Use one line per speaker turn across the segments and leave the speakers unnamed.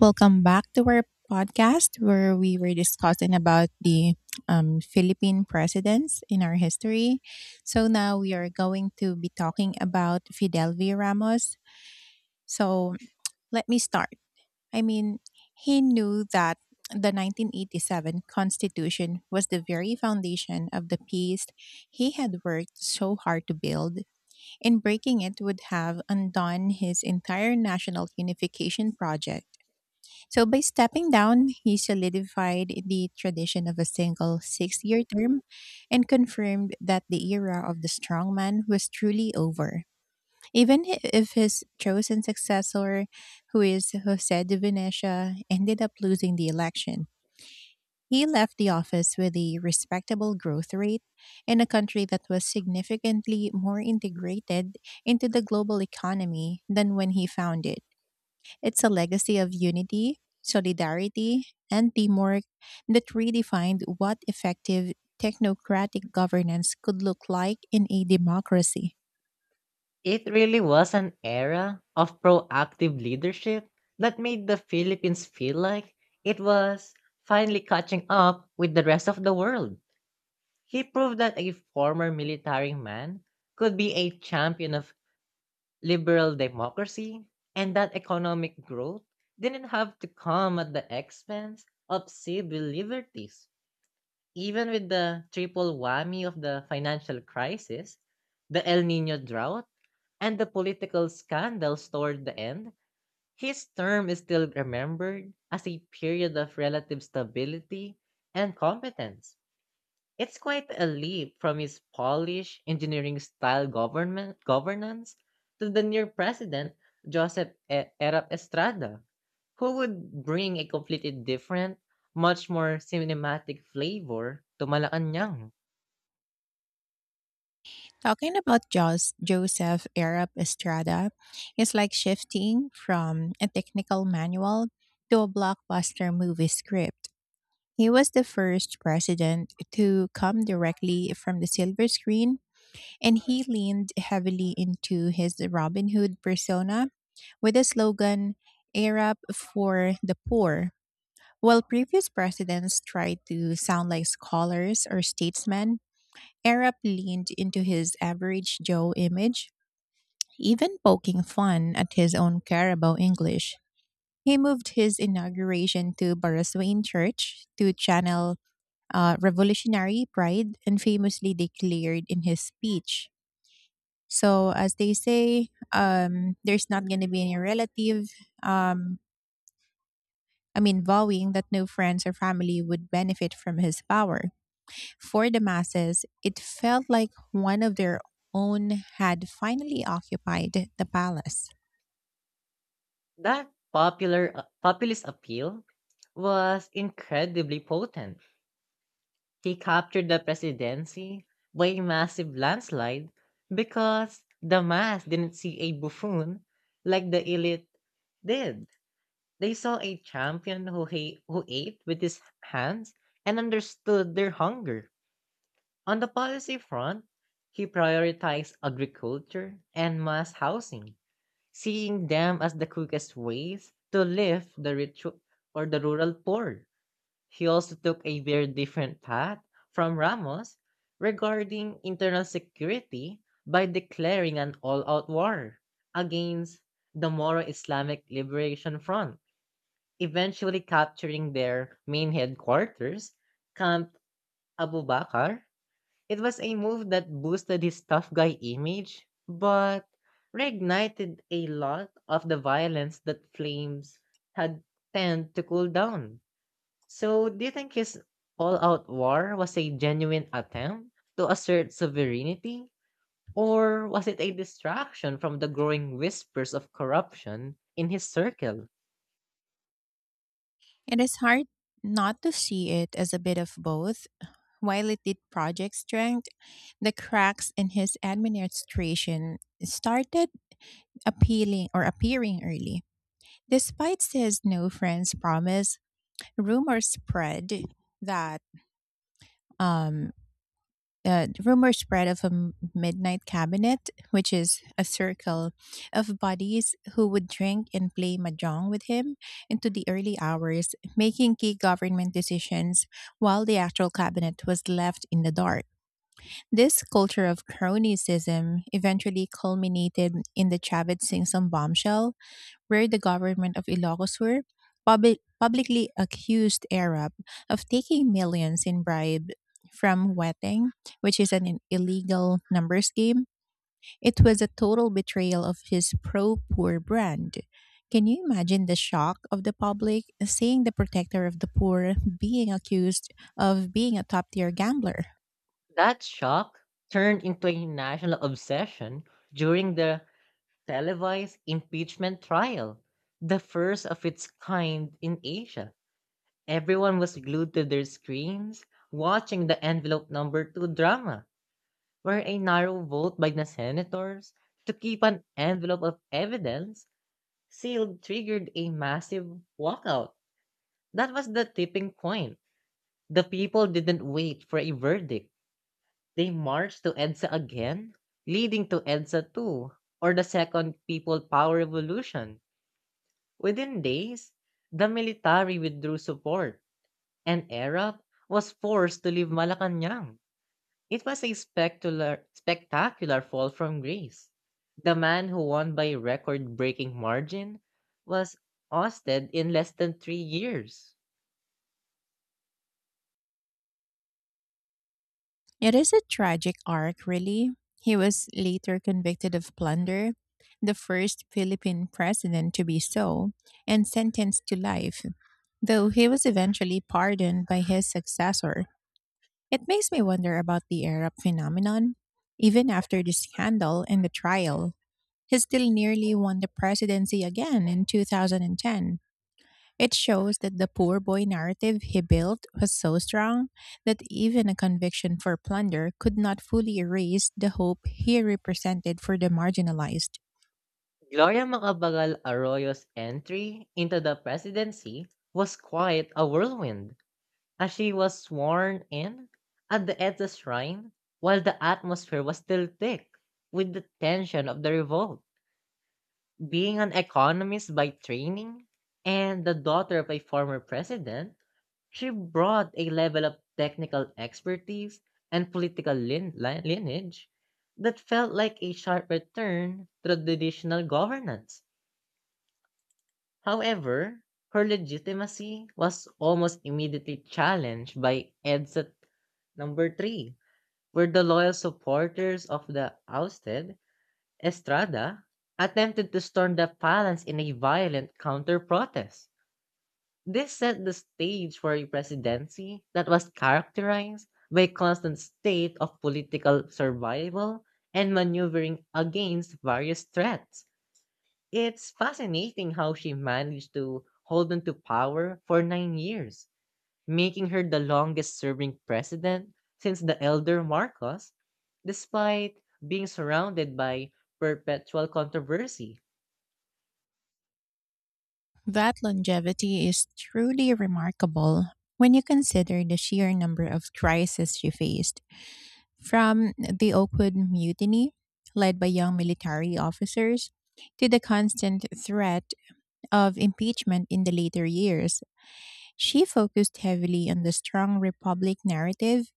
Welcome back to our podcast where we were discussing about the Philippine presidents in our history. So now we are going to be talking about Fidel V. Ramos. So let me start. I mean, he knew that the 1987 Constitution was the very foundation of the peace he had worked so hard to build, and breaking it would have undone his entire national unification project. So by stepping down, he solidified the tradition of a single 6-year term and confirmed that the era of the strongman was truly over. Even if his chosen successor, who is Jose de Venecia, ended up losing the election, he left the office with a respectable growth rate in a country that was significantly more integrated into the global economy than when he found it. It's a legacy of unity, solidarity, and teamwork that redefined what effective technocratic governance could look like in a democracy.
It really was an era of proactive leadership that made the Philippines feel like it was finally catching up with the rest of the world. He proved that a former military man could be a champion of liberal democracy and that economic growth didn't have to come at the expense of civil liberties. Even with the triple whammy of the financial crisis, the El Nino drought, and the political scandals toward the end, his term is still remembered as a period of relative stability and competence. It's quite a leap from his Polish engineering style government governance to the near president, Joseph Erap Estrada, who would bring a completely different, much more cinematic flavor to Malacanang.
Talking about Joseph Arab Estrada is like shifting from a technical manual to a blockbuster movie script. He was the first president to come directly from the silver screen, and he leaned heavily into his Robin Hood persona with the slogan "Air Up for the Poor." While previous presidents tried to sound like scholars or statesmen, Air leaned into his average Joe image, even poking fun at his own Carabao English. He moved his inauguration to Baraswain Church to channel revolutionary pride, and famously declared in his speech, so as they say, there's not going to be any relative. Um, I mean, vowing that no friends or family would benefit from his power. For the masses, it felt like one of their own had finally occupied the palace.
That popular populist appeal was incredibly potent. He captured the presidency by a massive landslide because the mass didn't see a buffoon like the elite did. They saw a champion who ate with his hands and understood their hunger. On the policy front, he prioritized agriculture and mass housing, seeing them as the quickest ways to lift the rich or the rural poor. He also took a very different path from Ramos regarding internal security by declaring an all out war against the Moro Islamic Liberation Front, eventually capturing their main headquarters, Camp Abu Bakr. It was a move that boosted his tough guy image, but reignited a lot of the violence that flames had tend to cool down. So, do you think his all out war was a genuine attempt to assert sovereignty? Or was it a distraction from the growing whispers of corruption in his circle?
It is hard not to see it as a bit of both. While it did project strength, the cracks in his administration started appealing or appearing early. Despite his no friends promise, rumors spread that um, rumor spread of a midnight cabinet, which is a circle of buddies who would drink and play mahjong with him into the early hours, making key government decisions while the actual cabinet was left in the dark. This culture of cronyism eventually culminated in the Chavit Singh bombshell, where the government of Ilocos were publicly accused Arab of taking millions in bribe from weteng, which is an illegal numbers game. It was a total betrayal of his pro poor brand. Can you imagine the shock of the public seeing the protector of the poor being accused of being a top tier gambler?
That shock turned into a national obsession during the televised impeachment trial, the first of its kind in Asia. Everyone was glued to their screens watching the envelope number 2 drama, where a narrow vote by the senators to keep an envelope of evidence sealed triggered a massive walkout. That was the tipping point. The people didn't wait for a verdict. They marched to EDSA again, leading to EDSA two, or the second people power revolution. Within days, the military withdrew support and Arap was forced to leave Malacanang. It was a spectacular, spectacular fall from grace. The man who won by a record breaking margin was ousted in less than 3 years.
It is a tragic arc, really. He was later convicted of plunder, the first Philippine president to be so, and sentenced to life, though he was eventually pardoned by his successor. It makes me wonder about the Arab phenomenon. Even after the scandal and the trial, he still nearly won the presidency again in 2010. It shows that the poor boy narrative he built was so strong that even a conviction for plunder could not fully erase the hope he represented for the marginalized.
Gloria Macapagal Arroyo's entry into the presidency was quite a whirlwind, as she was sworn in at the EDSA shrine while the atmosphere was still thick with the tension of the revolt. Being an economist by training and the daughter of a former president, she brought a level of technical expertise and political lineage that felt like a sharp return to the traditional governance. However, her legitimacy was almost immediately challenged by EDSA number 3, where the loyal supporters of the ousted Estrada attempted to storm the palace in a violent counter-protest. This set the stage for a presidency that was characterized by a constant state of political survival and maneuvering against various threats. It's fascinating how she managed to hold on to power for 9 years, making her the longest serving president since the elder Marcos, despite being surrounded by perpetual controversy.
That longevity is truly remarkable when you consider the sheer number of crises she faced, from the Oakwood Mutiny, led by young military officers, to the constant threat of impeachment in the later years. She focused heavily on the strong republic narrative,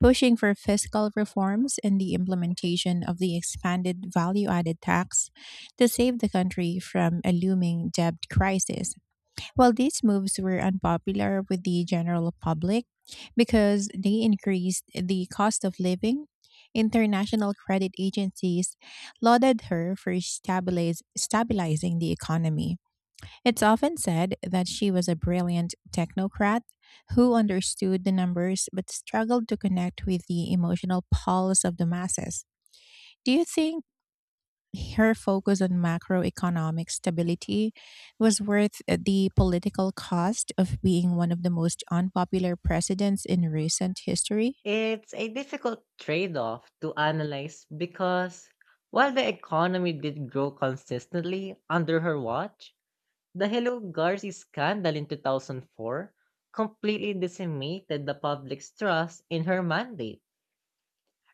pushing for fiscal reforms and the implementation of the expanded value added tax to save the country from a looming debt crisis. While these moves were unpopular with the general public because they increased the cost of living, international credit agencies lauded her for stabilizing the economy. It's often said that she was a brilliant technocrat who understood the numbers but struggled to connect with the emotional pulse of the masses. Do you think her focus on macroeconomic stability was worth the political cost of being one of the most unpopular presidents in recent history?
It's a difficult trade off to analyze because while the economy did grow consistently under her watch, the Hello Garci scandal in 2004 completely decimated the public's trust in her mandate.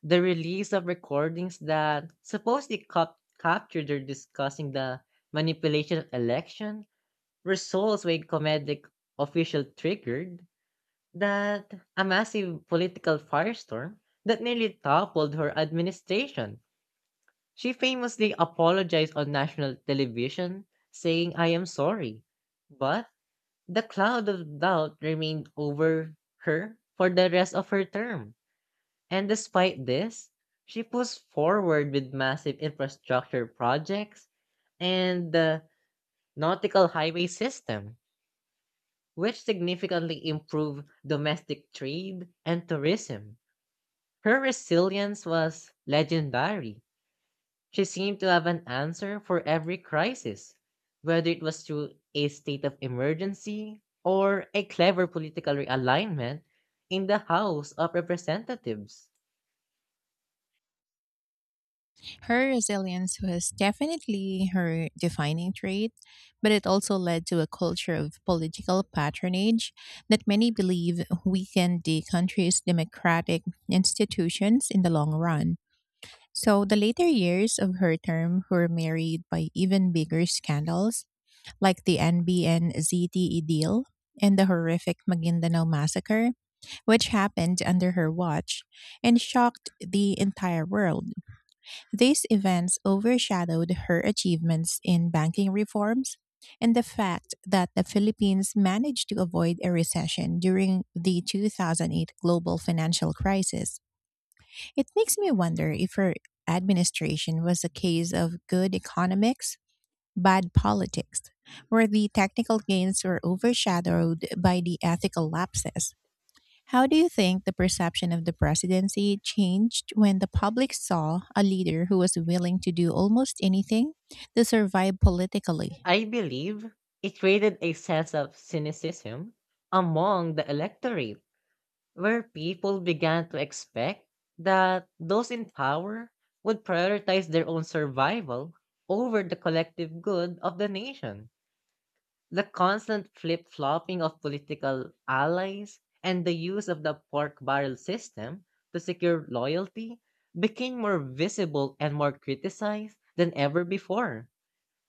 The release of recordings that supposedly captured her discussing the manipulation of election results with comedic official triggered that a massive political firestorm that nearly toppled her administration. She famously apologized on national television, saying, "I am sorry." But the cloud of doubt remained over her for the rest of her term. And despite this, she pushed forward with massive infrastructure projects and the nautical highway system, which significantly improved domestic trade and tourism. Her resilience was legendary. She seemed to have an answer for every crisis, whether it was through a state of emergency or a clever political realignment in the House of Representatives.
Her resilience was definitely her defining trait, but it also led to a culture of political patronage that many believe weakened the country's democratic institutions in the long run. So, the later years of her term were married by even bigger scandals, like the NBN ZTE deal and the horrific Maguindanao massacre, which happened under her watch and shocked the entire world. These events overshadowed her achievements in banking reforms and the fact that the Philippines managed to avoid a recession during the 2008 global financial crisis. It makes me wonder if her administration was a case of good economics, bad politics, where the technical gains were overshadowed by the ethical lapses. How do you think the perception of the presidency changed when the public saw a leader who was willing to do almost anything to survive politically?
I believe it created a sense of cynicism among the electorate, where people began to expect that those in power would prioritize their own survival over the collective good of the nation. The constant flip flopping of political allies and the use of the pork barrel system to secure loyalty became more visible and more criticized than ever before.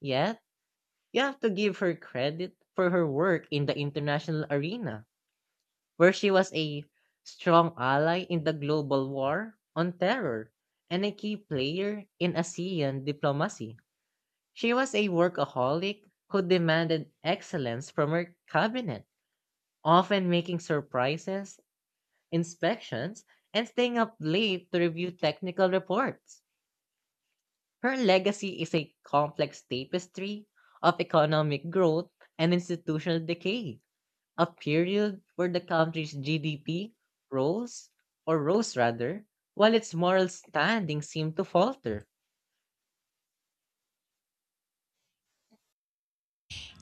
Yes, you have to give her credit for her work in the international arena, where she was a strong ally in the global war on terror and a key player in ASEAN diplomacy. She was a workaholic who demanded excellence from her cabinet, often making surprises, inspections, and staying up late to review technical reports. Her legacy is a complex tapestry of economic growth and institutional decay. A period where the country's GDP rose, or rose rather, while its moral standing seemed to falter.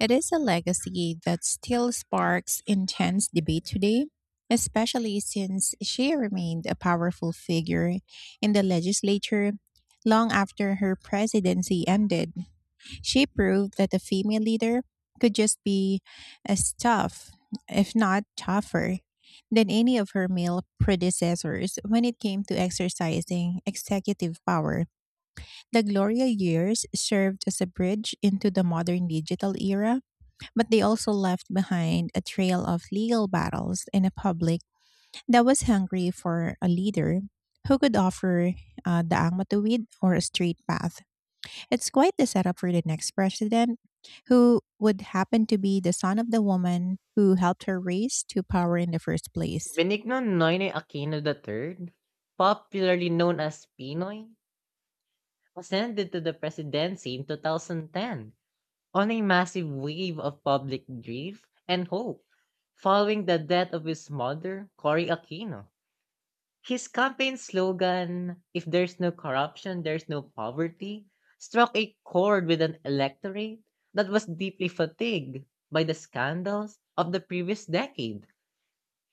It is a legacy that still sparks intense debate today, especially since she remained a powerful figure in the legislature long after her presidency ended. She proved that a female leader could just be as tough, if not tougher, than any of her male predecessors when it came to exercising executive power. The Gloria years served as a bridge into the modern digital era, but they also left behind a trail of legal battles and a public that was hungry for a leader who could offer the Ang Matuwid or a straight path. It's quite the setup for the next president, who would happen to be the son of the woman who helped her raise to power in the first place.
Benigno Noynoy Aquino the Third, popularly known as Pinoy, ascended to the presidency in 2010 on a massive wave of public grief and hope following the death of his mother, Cory Aquino. His campaign slogan, "If there's no corruption, there's no poverty," struck a chord with an electorate that was deeply fatigued by the scandals of the previous decade.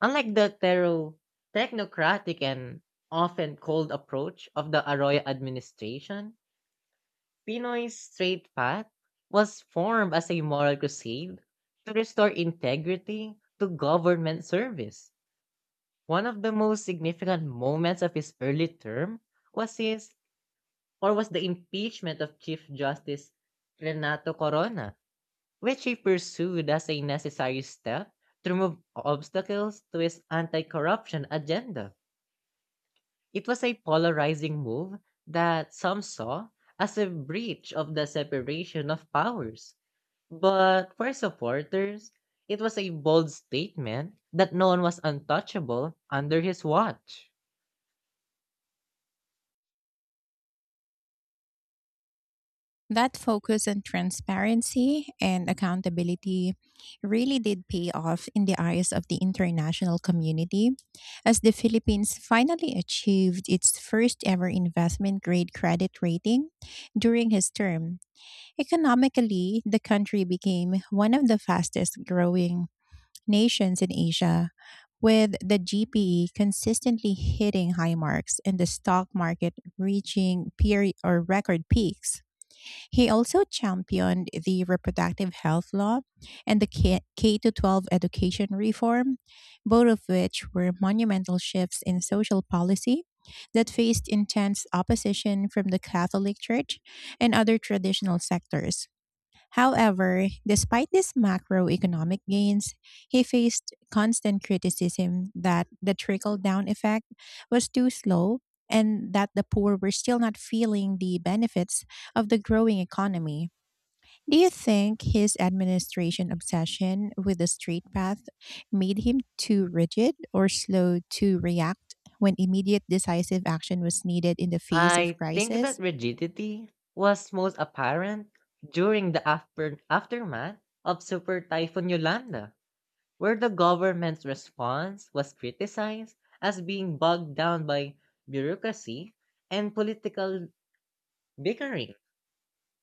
Unlike the thorough technocratic and often cold approach of the Arroyo administration, Pinoy's straight path was formed as a moral crusade to restore integrity to government service. One of the most significant moments of his early term was his or was the impeachment of Chief Justice Renato Corona, which he pursued as a necessary step to remove obstacles to his anti-corruption agenda. It was a polarizing move that some saw as a breach of the separation of powers, but for supporters, it was a bold statement that no one was untouchable under his watch.
That focus on transparency and accountability really did pay off in the eyes of the international community, as the Philippines finally achieved its first ever investment grade credit rating during his term. Economically, the country became one of the fastest growing nations in Asia, with the GPE consistently hitting high marks and the stock market reaching peer or record peaks. He also championed the reproductive health law and the K-12 education reform, both of which were monumental shifts in social policy that faced intense opposition from the Catholic Church and other traditional sectors. However, despite these macroeconomic gains, he faced constant criticism that the trickle down effect was too slow and that the poor were still not feeling the benefits of the growing economy. Do you think his administration obsession with the straight path made him too rigid or slow to react when immediate decisive action was needed in the face of
I think
crisis?
that rigidity was most apparent during the aftermath of Super Typhoon Yolanda, where the government's response was criticized as being bogged down by bureaucracy and political bickering.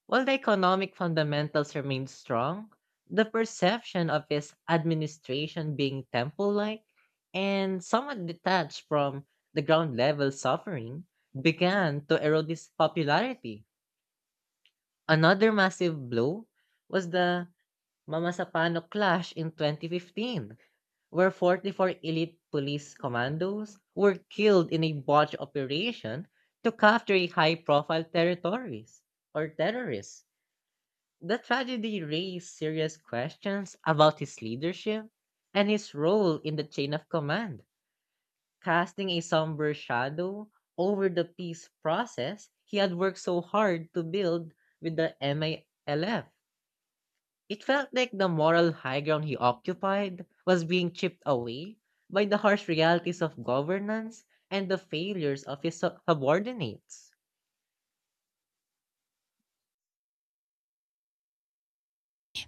While the economic fundamentals remained strong, the perception of his administration being temple like and somewhat detached from the ground level suffering began to erode his popularity. Another massive blow was the Mamasapano clash in 2015, where 44 elite police commandos were killed in a botched operation to capture high profile territories or terrorists. The tragedy raised serious questions about his leadership and his role in the chain of command, casting a somber shadow over the peace process he had worked so hard to build with the MALF. It felt like the moral high ground he occupied was being chipped away by the harsh realities of governance and the failures of his subordinates.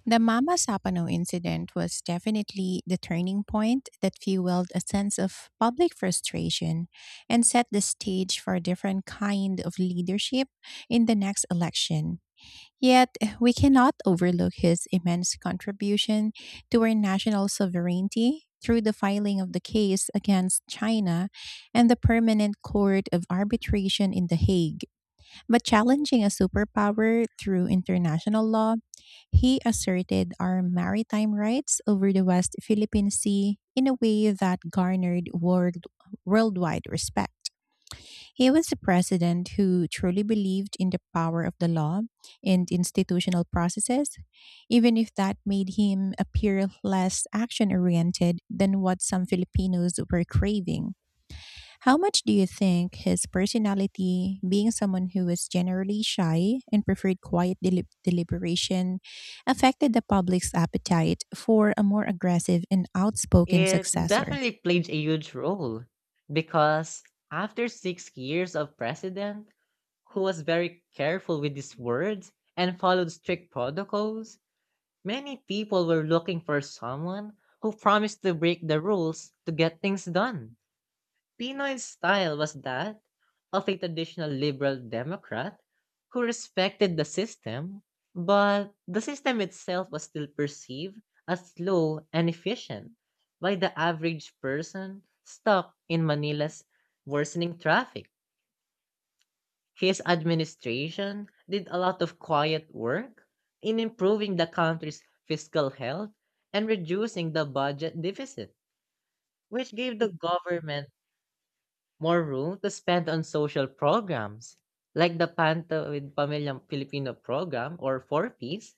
The Mama Sapano incident was definitely the turning point that fueled a sense of public frustration and set the stage for a different kind of leadership in the next election. Yet, we cannot overlook his immense contribution to our national sovereignty through the filing of the case against China and the Permanent Court of Arbitration in The Hague. But challenging a superpower through international law, he asserted our maritime rights over the West Philippine Sea in a way that garnered worldwide respect. He was a president who truly believed in the power of the law and institutional processes, even if that made him appear less action oriented than what some Filipinos were craving. How much do you think his personality, being someone who was generally shy and preferred quiet deliberation, affected the public's appetite for a more aggressive and outspoken
It
successor?
definitely played a huge role, because after 6 years of president who was very careful with his words and followed strict protocols, many people were looking for someone who promised to break the rules to get things done. Pinoy style was that of a traditional liberal Democrat who respected the system, but the system itself was still perceived as slow and efficient by the average person stuck in Manila's worsening traffic. His administration did a lot of quiet work in improving the country's fiscal health and reducing the budget deficit, which gave the government more room to spend on social programs, like the Panto with Pamilyang Filipino program, or four piece.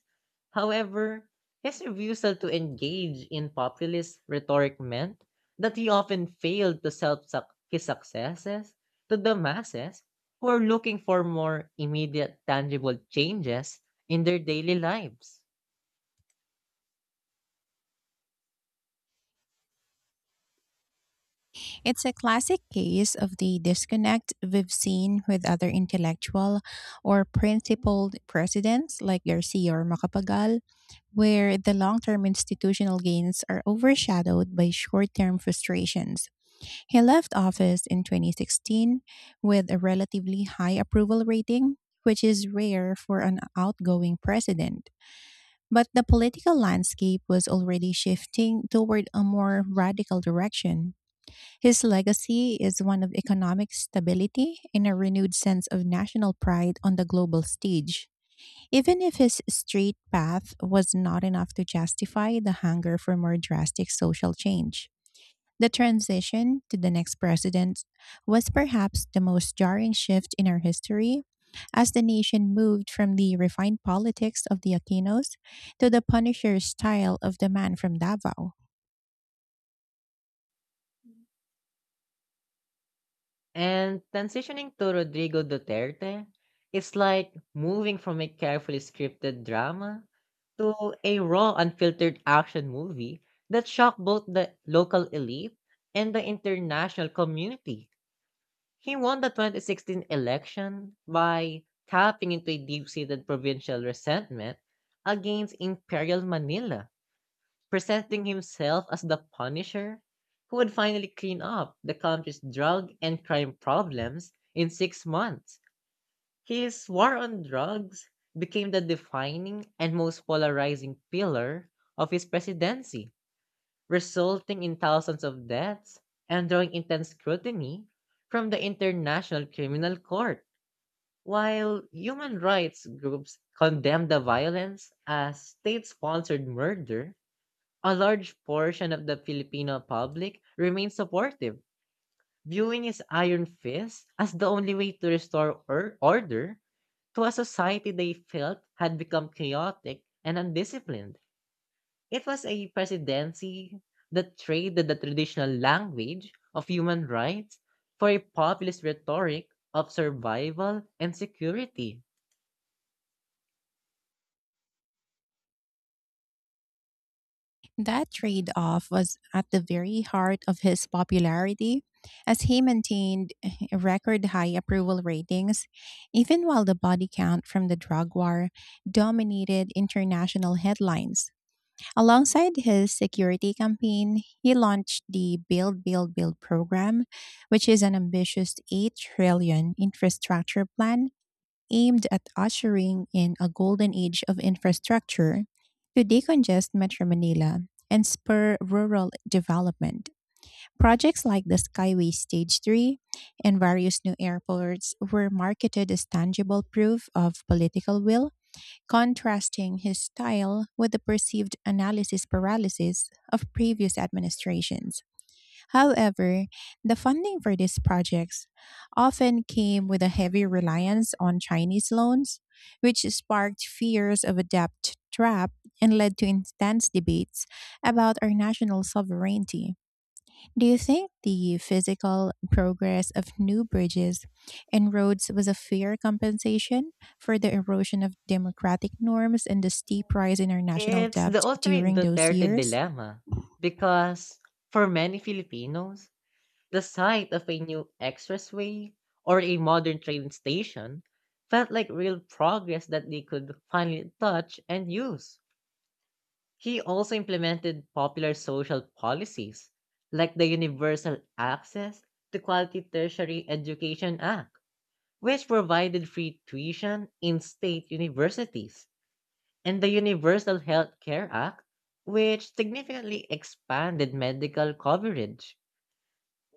However, his refusal to engage in populist rhetoric meant that he often failed to sell his successes to the masses who are looking for more immediate, tangible changes in their daily lives.
It's a classic case of the disconnect we've seen with other intellectual or principled presidents like Garcia or Macapagal, where the long term institutional gains are overshadowed by short term frustrations. He left office in 2016 with a relatively high approval rating, which is rare for an outgoing president. But the political landscape was already shifting toward a more radical direction. His legacy is one of economic stability and a renewed sense of national pride on the global stage, even if his straight path was not enough to justify the hunger for more drastic social change. The transition to the next president was perhaps the most jarring shift in our history, as the nation moved from the refined politics of the Aquinos to the Punisher style of the man from Davao.
And transitioning to Rodrigo Duterte, it's like moving from a carefully scripted drama to a raw, unfiltered action movie that shocked both the local elite and the international community. He won the 2016 election by tapping into a deep seated provincial resentment against Imperial Manila, presenting himself as the Punisher who would finally clean up the country's drug and crime problems in 6 months. His war on drugs became the defining and most polarizing pillar of his presidency, resulting in thousands of deaths and drawing intense scrutiny from the International Criminal Court. While human rights groups condemned the violence as state sponsored murder, a large portion of the Filipino public remains supportive, viewing his iron fist as the only way to restore order to a society they felt had become chaotic and undisciplined. It was a presidency that traded the traditional language of human rights for a populist rhetoric of survival and security.
That trade off was at the very heart of his popularity, as he maintained record high approval ratings, even while the body count from the drug war dominated international headlines. Alongside his security campaign, he launched the Build, Build, Build program, which is an ambitious 8 trillion infrastructure plan aimed at ushering in a golden age of infrastructure to decongest Metro Manila and spur rural development. Projects like the Skyway Stage 3 and various new airports were marketed as tangible proof of political will, contrasting his style with the perceived analysis paralysis of previous administrations. However, the funding for these projects often came with a heavy reliance on Chinese loans, which sparked fears of a debt trap and led to intense debates about our national sovereignty. Do you think the physical progress of new bridges and roads was a fair compensation for the erosion of democratic norms and the steep rise in our national
It's
debt
the ultimate
during those
Duterte
years?
dilemma, because for many Filipinos, the sight of a new expressway or a modern train station felt like real progress that they could finally touch and use. He also implemented popular social policies like the Universal Access to Quality Tertiary Education Act, which provided free tuition in state universities, and the Universal Health Care Act, which significantly expanded medical coverage.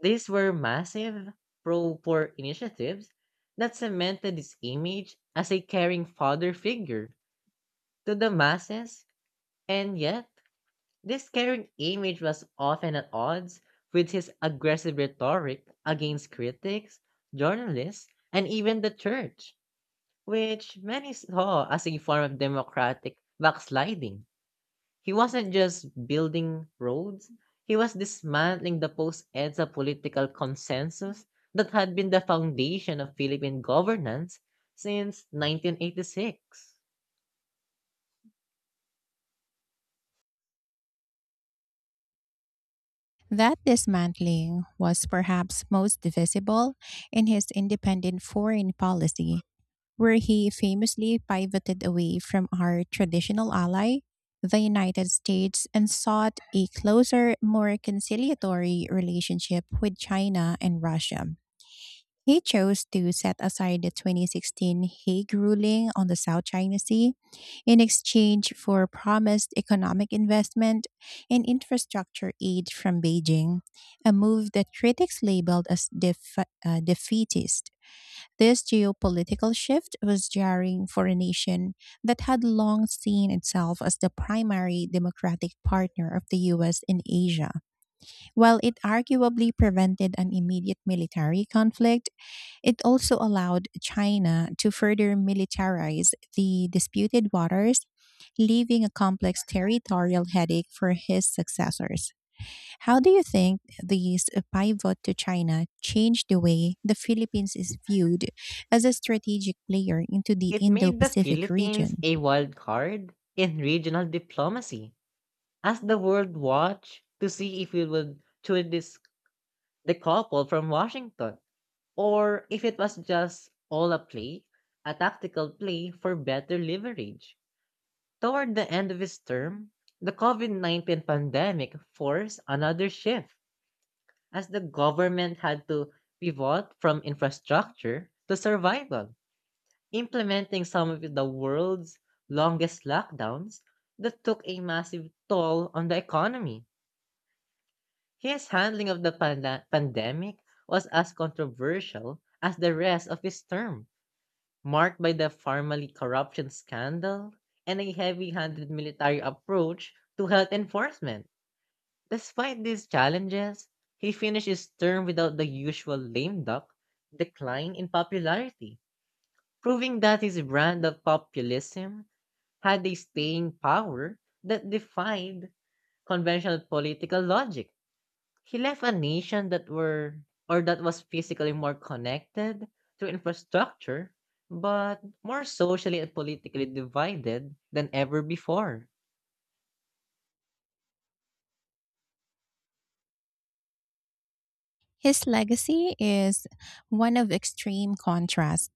These were massive pro poor initiatives that cemented his image as a caring father figure to the masses, and yet, this caring image was often at odds with his aggressive rhetoric against critics, journalists, and even the church, which many saw as a form of democratic backsliding. He wasn't just building roads, he was dismantling the post-EDSA political consensus that had been the foundation of Philippine governance since 1986.
That dismantling was perhaps most visible in his independent foreign policy, where he famously pivoted away from our traditional ally, the United States, and sought a closer, more conciliatory relationship with China and Russia. He chose to set aside the 2016 Hague ruling on the South China Sea in exchange for promised economic investment and infrastructure aid from Beijing, a move that critics labeled as defeatist. This geopolitical shift was jarring for a nation that had long seen itself as the primary democratic partner of the US in Asia. While it arguably prevented an immediate military conflict, it also allowed China to further militarize the disputed waters, leaving a complex territorial headache for his successors. How do you think these pivot to China changed the way the Philippines is viewed as a strategic player into the
It
Indo
made the
Pacific
Philippines
region?
a wild card in regional diplomacy, as the world watched to see if we would truly decouple from Washington, or if it was just all a play, a tactical play for better leverage. Toward the end of his term, the COVID-19 pandemic forced another shift as the government had to pivot from infrastructure to survival, implementing some of the world's longest lockdowns that took a massive toll on the economy. His handling of the pandemic was as controversial as the rest of his term, marked by the Farmally corruption scandal and a heavy handed military approach to health enforcement. Despite these challenges, he finished his term without the usual lame duck decline in popularity, proving that his brand of populism had a staying power that defied conventional political logic. He left a nation that were or that was physically more connected through infrastructure, but more socially and politically divided than ever before.
His legacy is one of extreme contrast,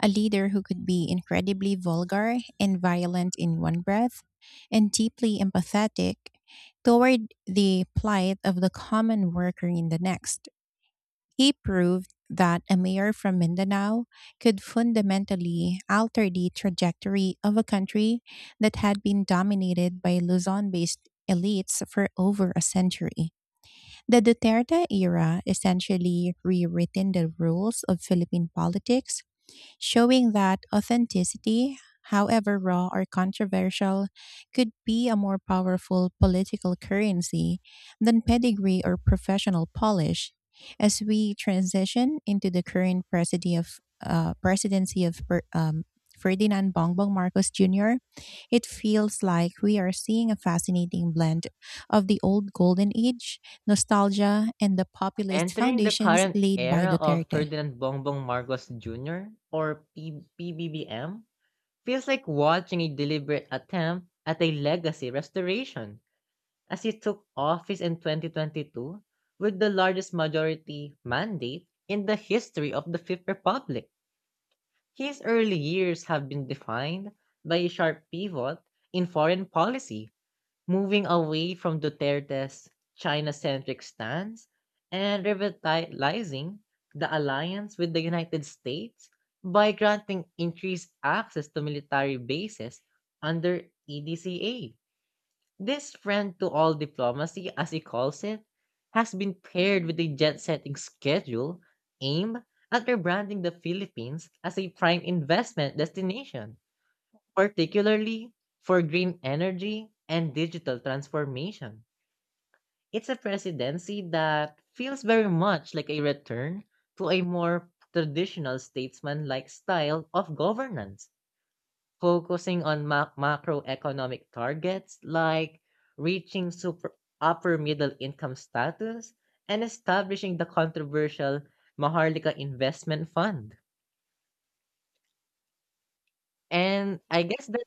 a leader who could be incredibly vulgar and violent in one breath, and deeply empathetic toward the plight of the common worker in the next. He proved that a mayor from Mindanao could fundamentally alter the trajectory of a country that had been dominated by Luzon based elites for over a century. The Duterte era essentially rewritten the rules of Philippine politics, showing that authenticity, however raw or controversial, could be a more powerful political currency than pedigree or professional polish. As we transition into the current presidency of Ferdinand Bongbong Marcos Jr., it feels like we are seeing a fascinating blend of the old golden age, nostalgia, and the populist
Entering the
foundations
current
laid by
era of
Duterte.
Ferdinand Bongbong Marcos Jr., or PBBM, feels like watching a deliberate attempt at a legacy restoration, as he took office in 2022 with the largest majority mandate in the history of the Fifth Republic. His early years have been defined by a sharp pivot in foreign policy, moving away from Duterte's China centric stance and revitalizing the alliance with the United States by granting increased access to military bases under EDCA. This friend to all diplomacy, as he calls it, has been paired with a jet setting schedule aimed at rebranding the Philippines as a prime investment destination, particularly for green energy and digital transformation. It's a presidency that feels very much like a return to a more traditional statesman like style of governance, focusing on macroeconomic targets like reaching super upper middle income status and establishing the controversial Maharlika Investment Fund. And I guess that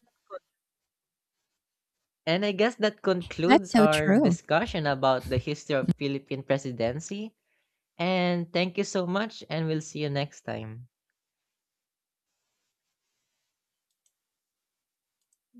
and I guess that
That's
concludes
so
our
true.
discussion about the history of Philippine presidency. And thank you so much, and we'll see you next time.